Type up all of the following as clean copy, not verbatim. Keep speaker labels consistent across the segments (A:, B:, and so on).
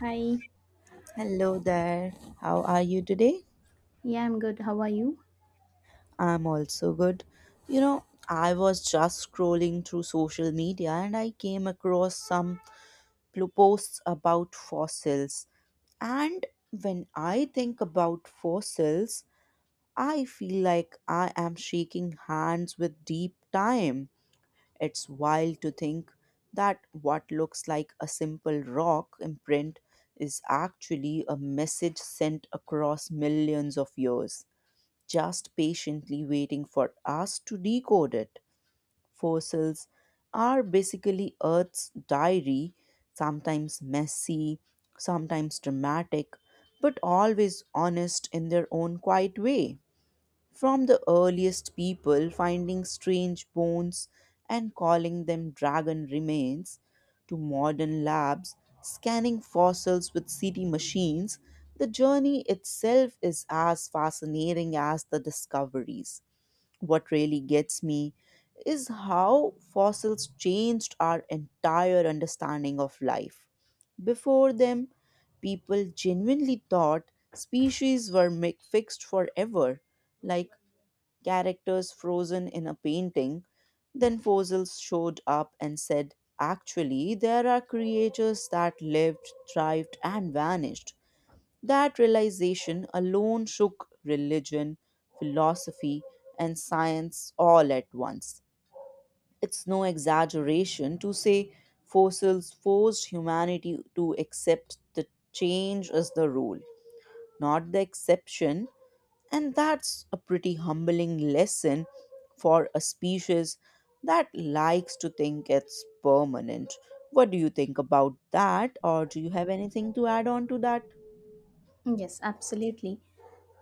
A: Hi.
B: Hello there. How are you today?
A: Yeah, I'm good. How are you?
B: I'm also good. You know, I was just scrolling through social media and I came across some posts about fossils. And when I think about fossils, I feel like I am shaking hands with deep time. It's wild to think that what looks like a simple rock imprint is actually a message sent across millions of years, just patiently waiting for us to decode it. Fossils are basically Earth's diary, sometimes messy, sometimes dramatic, but always honest in their own quiet way. From the earliest people finding strange bones and calling them dragon remains, to modern labs scanning fossils with CT machines, the journey itself is as fascinating as the discoveries. What really gets me is how fossils changed our entire understanding of life. Before them, people genuinely thought species were fixed forever, like characters frozen in a painting. Then fossils showed up and said, "Actually, there are creatures that lived, thrived, and vanished." That realization alone shook religion, philosophy, and science all at once. It's no exaggeration to say fossils forced humanity to accept that change is the rule, not the exception. And that's a pretty humbling lesson for a species that likes to think it's permanent. What do you think about that, or do you have anything to add on to that?
A: Yes, absolutely.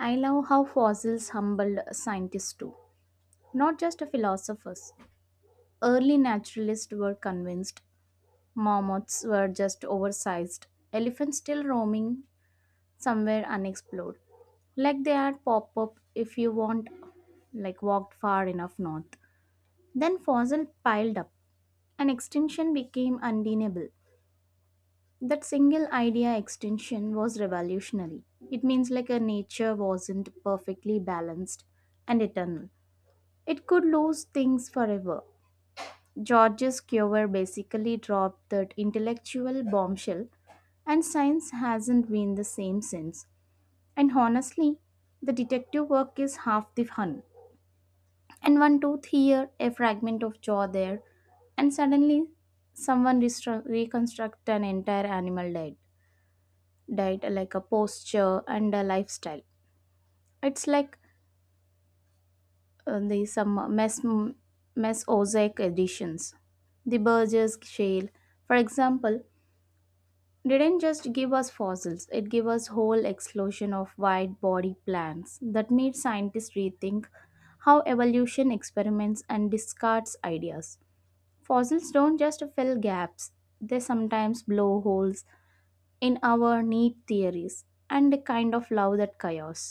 A: I love how fossils humbled scientists too, not just philosophers. Early naturalists were convinced mammoths were just oversized, elephants still roaming somewhere unexplored. Like they had pop up if you want, like walked far enough north. Then fossils piled up, and extinction became undeniable. That single idea extension was revolutionary. It means like a nature wasn't perfectly balanced and eternal. It could lose things forever. George's cure basically dropped that intellectual bombshell, and science hasn't been the same since. And honestly, the detective work is half the fun. And one tooth here, a fragment of jaw there, and suddenly someone reconstruct an entire animal dead. Diet like a posture and a lifestyle, it's like the some mesozoic editions, the burgess shale, for example, didn't just give us fossils. It gave us whole explosion of wide body plants that made scientists rethink how evolution experiments and discards ideas. Fossils don't just fill gaps, they sometimes blow holes in our neat theories, and a kind of love that chaos.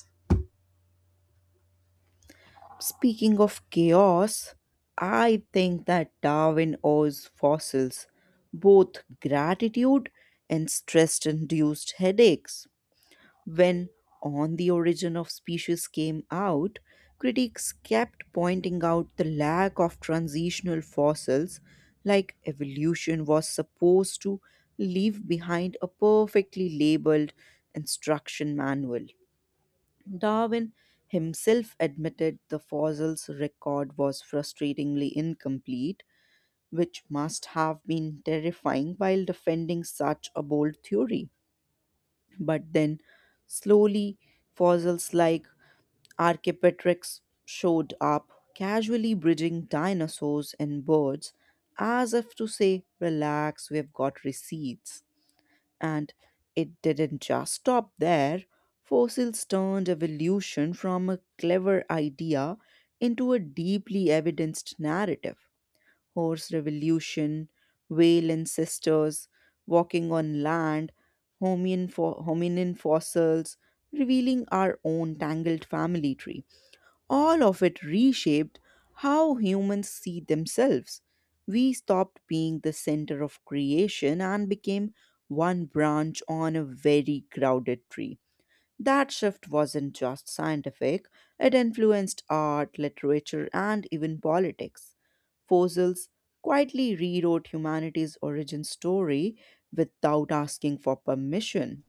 B: Speaking of chaos, I think that Darwin owes fossils both gratitude and stress induced headaches. When On the Origin of Species came out, critics kept pointing out the lack of transitional fossils, like evolution was supposed to leave behind a perfectly labeled instruction manual. Darwin himself admitted the fossils record was frustratingly incomplete, which must have been terrifying while defending such a bold theory. But then, slowly, fossils like Archaeopteryx showed up, casually bridging dinosaurs and birds, as if to say, "Relax, we've got receipts." And it didn't just stop there. Fossils turned evolution from a clever idea into a deeply evidenced narrative. Horse Revolution, whale ancestors, Walking on Land, hominin fossils, revealing our own tangled family tree. All of it reshaped how humans see themselves. We stopped being the center of creation and became one branch on a very crowded tree. That shift wasn't just scientific, it influenced art, literature, and even politics. Fossils quietly rewrote humanity's origin story without asking for permission.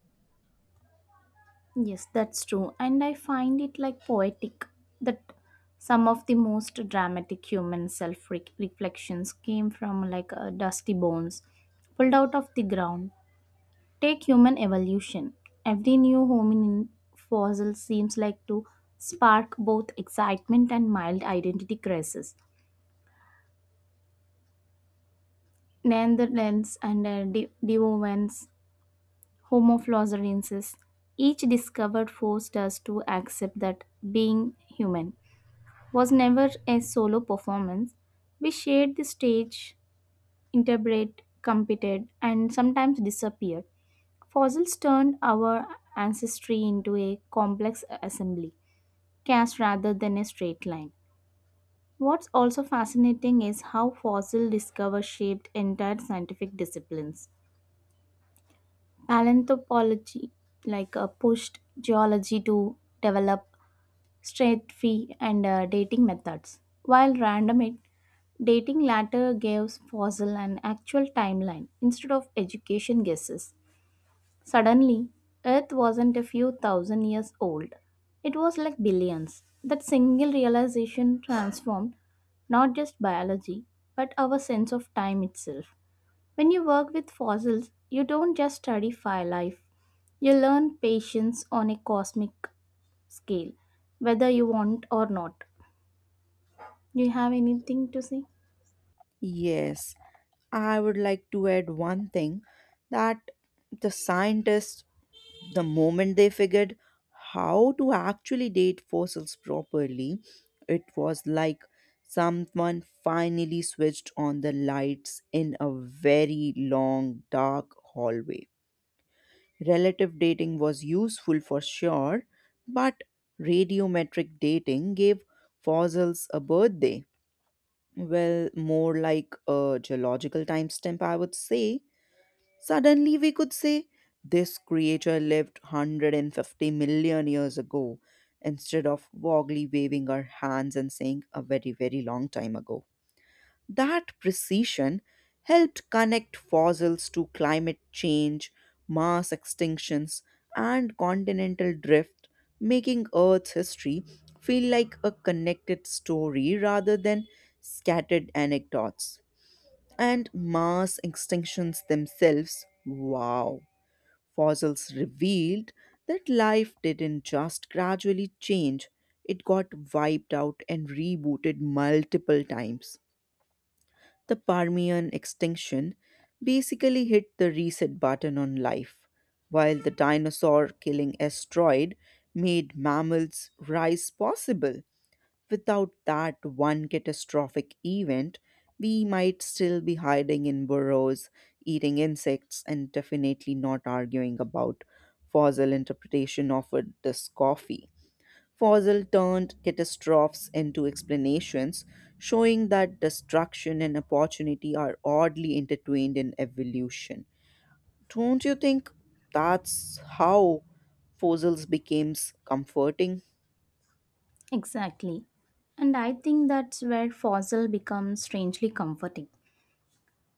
A: Yes, that's true. And I find it like poetic that some of the most dramatic human self reflections came from like dusty bones pulled out of the ground. Take human evolution. Every new hominin fossil seems like to spark both excitement and mild identity crisis. Neanderthals and Devonians, Homo floresiensis, each discovered forced us to accept that being human was never a solo performance. We shared the stage, interpreted, competed, and sometimes disappeared. Fossils turned our ancestry into a complex assembly, cast rather than a straight line. What's also fascinating is how fossil discovery shaped entire scientific disciplines. Paleontology, like pushed geology to develop stratigraphy and dating methods, while random dating later gives fossil an actual timeline instead of education guesses. Suddenly, Earth wasn't a few thousand years old. It was like billions. That single realization transformed not just biology, but our sense of time itself. When you work with fossils, you don't just study fire life, you learn patience on a cosmic scale, whether you want or not. Do you have anything to say?
B: Yes, I would like to add one thing, that the scientists, the moment they figured how to actually date fossils properly, it was like someone finally switched on the lights in a very long, dark hallway. Relative dating was useful for sure, but radiometric dating gave fossils a birthday. Well, more like a geological timestamp, I would say. Suddenly, we could say this creature lived 150 million years ago instead of vaguely waving our hands and saying a very, very long time ago. That precision helped connect fossils to climate change, mass extinctions, and continental drift, making Earth's history feel like a connected story rather than scattered anecdotes. And mass extinctions themselves, wow, fossils revealed that life didn't just gradually change, it got wiped out and rebooted multiple times. The Permian extinction basically hit the reset button on life, while the dinosaur killing asteroid made mammals rise possible. Without that one catastrophic event, we might still be hiding in burrows, eating insects, and definitely not arguing about fossil interpretation of this coffee. Fossil turned catastrophes into explanations, showing that destruction and opportunity are oddly intertwined in evolution. Don't you think that's how fossils becomes comforting?
A: Exactly. And I think that's where fossil becomes strangely comforting.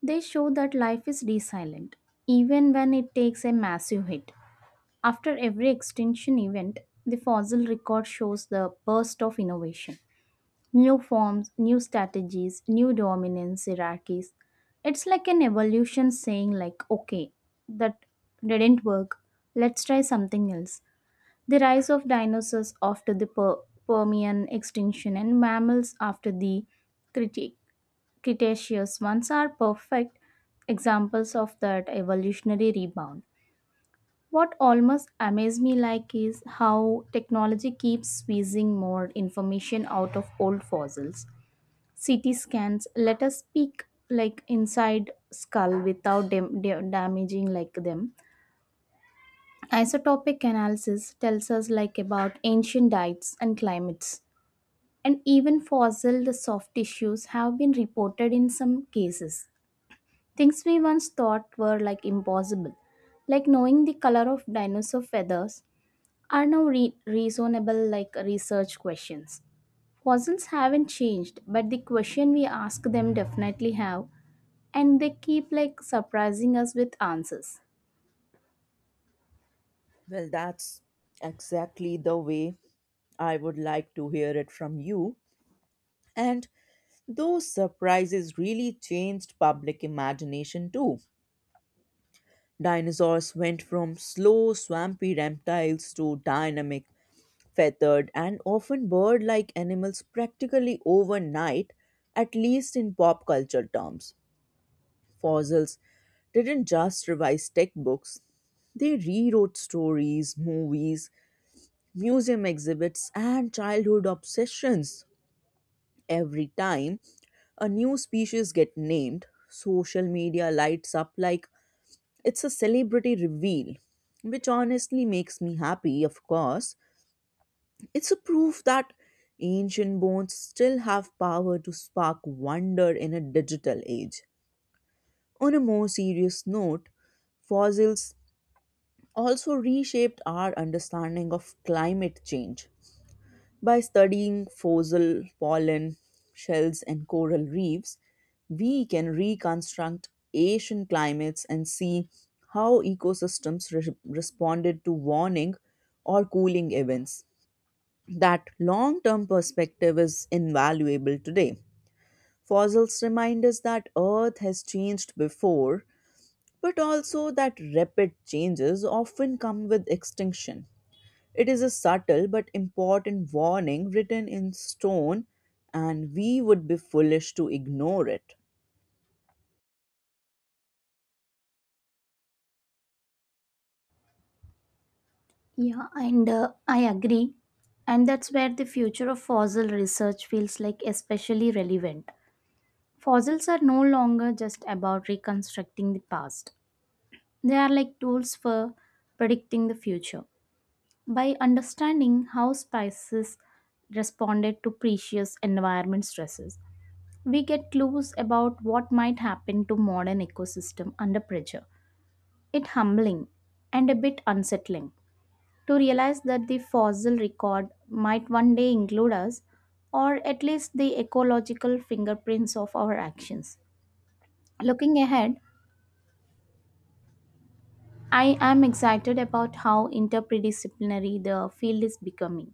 A: They show that life is resilient, even when it takes a massive hit. After every extinction event, the fossil record shows the burst of innovation. New forms, new strategies, new dominance hierarchies. It's like an evolution saying like, okay, that didn't work. Let's try something else. The rise of dinosaurs after the Permian extinction and mammals after the Crete- Cretaceous ones are perfect examples of that evolutionary rebound. What almost amazes me like is how technology keeps squeezing more information out of old fossils. CT scans let us peek like inside skull without damaging like them. Isotopic analysis tells us like about ancient diets and climates, and even fossil soft tissues have been reported in some cases. Things we once thought were like impossible, like knowing the color of dinosaur feathers, are now reasonable like research questions. Fossils haven't changed, but the question we ask them definitely have, and they keep like surprising us with answers.
B: Well, that's exactly the way I would like to hear it from you. And those surprises really changed public imagination too. Dinosaurs went from slow, swampy reptiles to dynamic, feathered, and often bird like animals practically overnight, at least in pop culture terms. Fossils didn't just revise textbooks, they rewrote stories, movies, museum exhibits, and childhood obsessions. Every time a new species get named, social media lights up like it's a celebrity reveal, which honestly makes me happy. Of course, it's a proof that ancient bones still have power to spark wonder in a digital age. On a more serious note, fossils also reshaped our understanding of climate change. By studying fossil pollen, shells, and coral reefs, we can reconstruct ancient climates and see how ecosystems responded to warming or cooling events. That long term perspective is invaluable today. Fossils remind us that Earth has changed before, but also that rapid changes often come with extinction. It is a subtle but important warning written in stone, and we would be foolish to ignore it.
A: Yeah, and I agree. And that's where the future of fossil research feels like especially relevant. Fossils are no longer just about reconstructing the past, they are like tools for predicting the future. By understanding how spices responded to precious environment stresses, we get clues about what might happen to modern ecosystem under pressure. It's humbling and a bit unsettling, to realize that the fossil record might one day include us, or at least the ecological fingerprints of our actions. Looking ahead, I am excited about how interdisciplinary the field is becoming,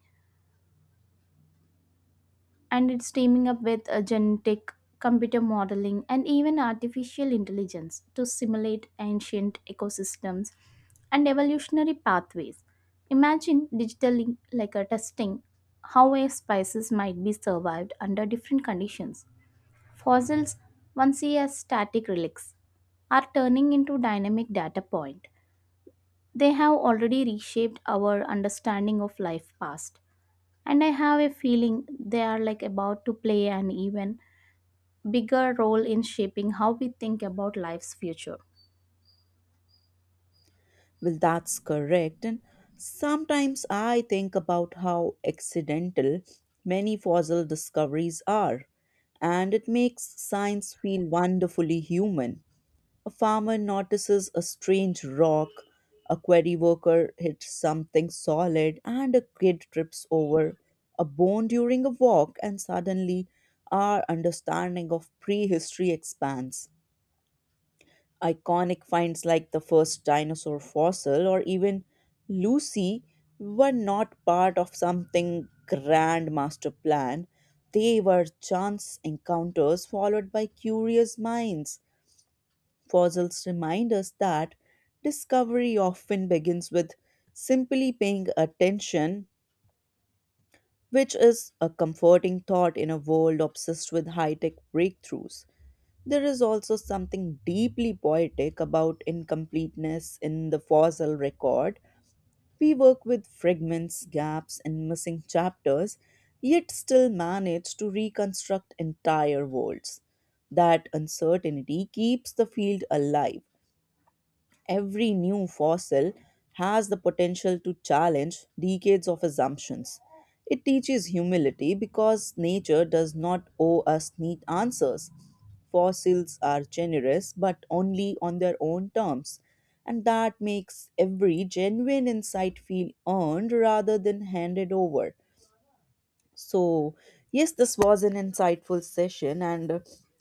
A: and it's teaming up with genetic computer modeling and even artificial intelligence to simulate ancient ecosystems and evolutionary pathways. Imagine digitally like a testing how a species might be survived under different conditions. Fossils, once seen as static relics, are turning into dynamic data point. They have already reshaped our understanding of life past, and I have a feeling they are like about to play an even bigger role in shaping how we think about life's future.
B: Well, that's correct. And sometimes I think about how accidental many fossil discoveries are, and it makes science feel wonderfully human. A farmer notices a strange rock, a quarry worker hits something solid, and a kid trips over a bone during a walk, and suddenly our understanding of prehistory expands. Iconic finds like the first dinosaur fossil or even Lucy were not part of something grand master plan. They were chance encounters followed by curious minds. Fossils remind us that discovery often begins with simply paying attention, which is a comforting thought in a world obsessed with high tech breakthroughs. There is also something deeply poetic about incompleteness in the fossil record. We work with fragments, gaps, and missing chapters, yet still manage to reconstruct entire worlds. That uncertainty keeps the field alive. Every new fossil has the potential to challenge decades of assumptions. It teaches humility because nature does not owe us neat answers. Fossils are generous, but only on their own terms, and that makes every genuine insight feel earned rather than handed over. So, yes, this was an insightful session, and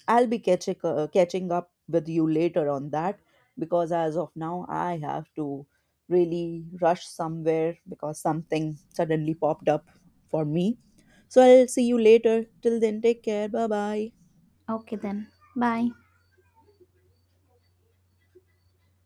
B: I'll be catching up with you later on that, because as of now, I have to really rush somewhere because something suddenly popped up for me. So, I'll see you later. Till then, take care. Bye bye.
A: Okay, then. Bye.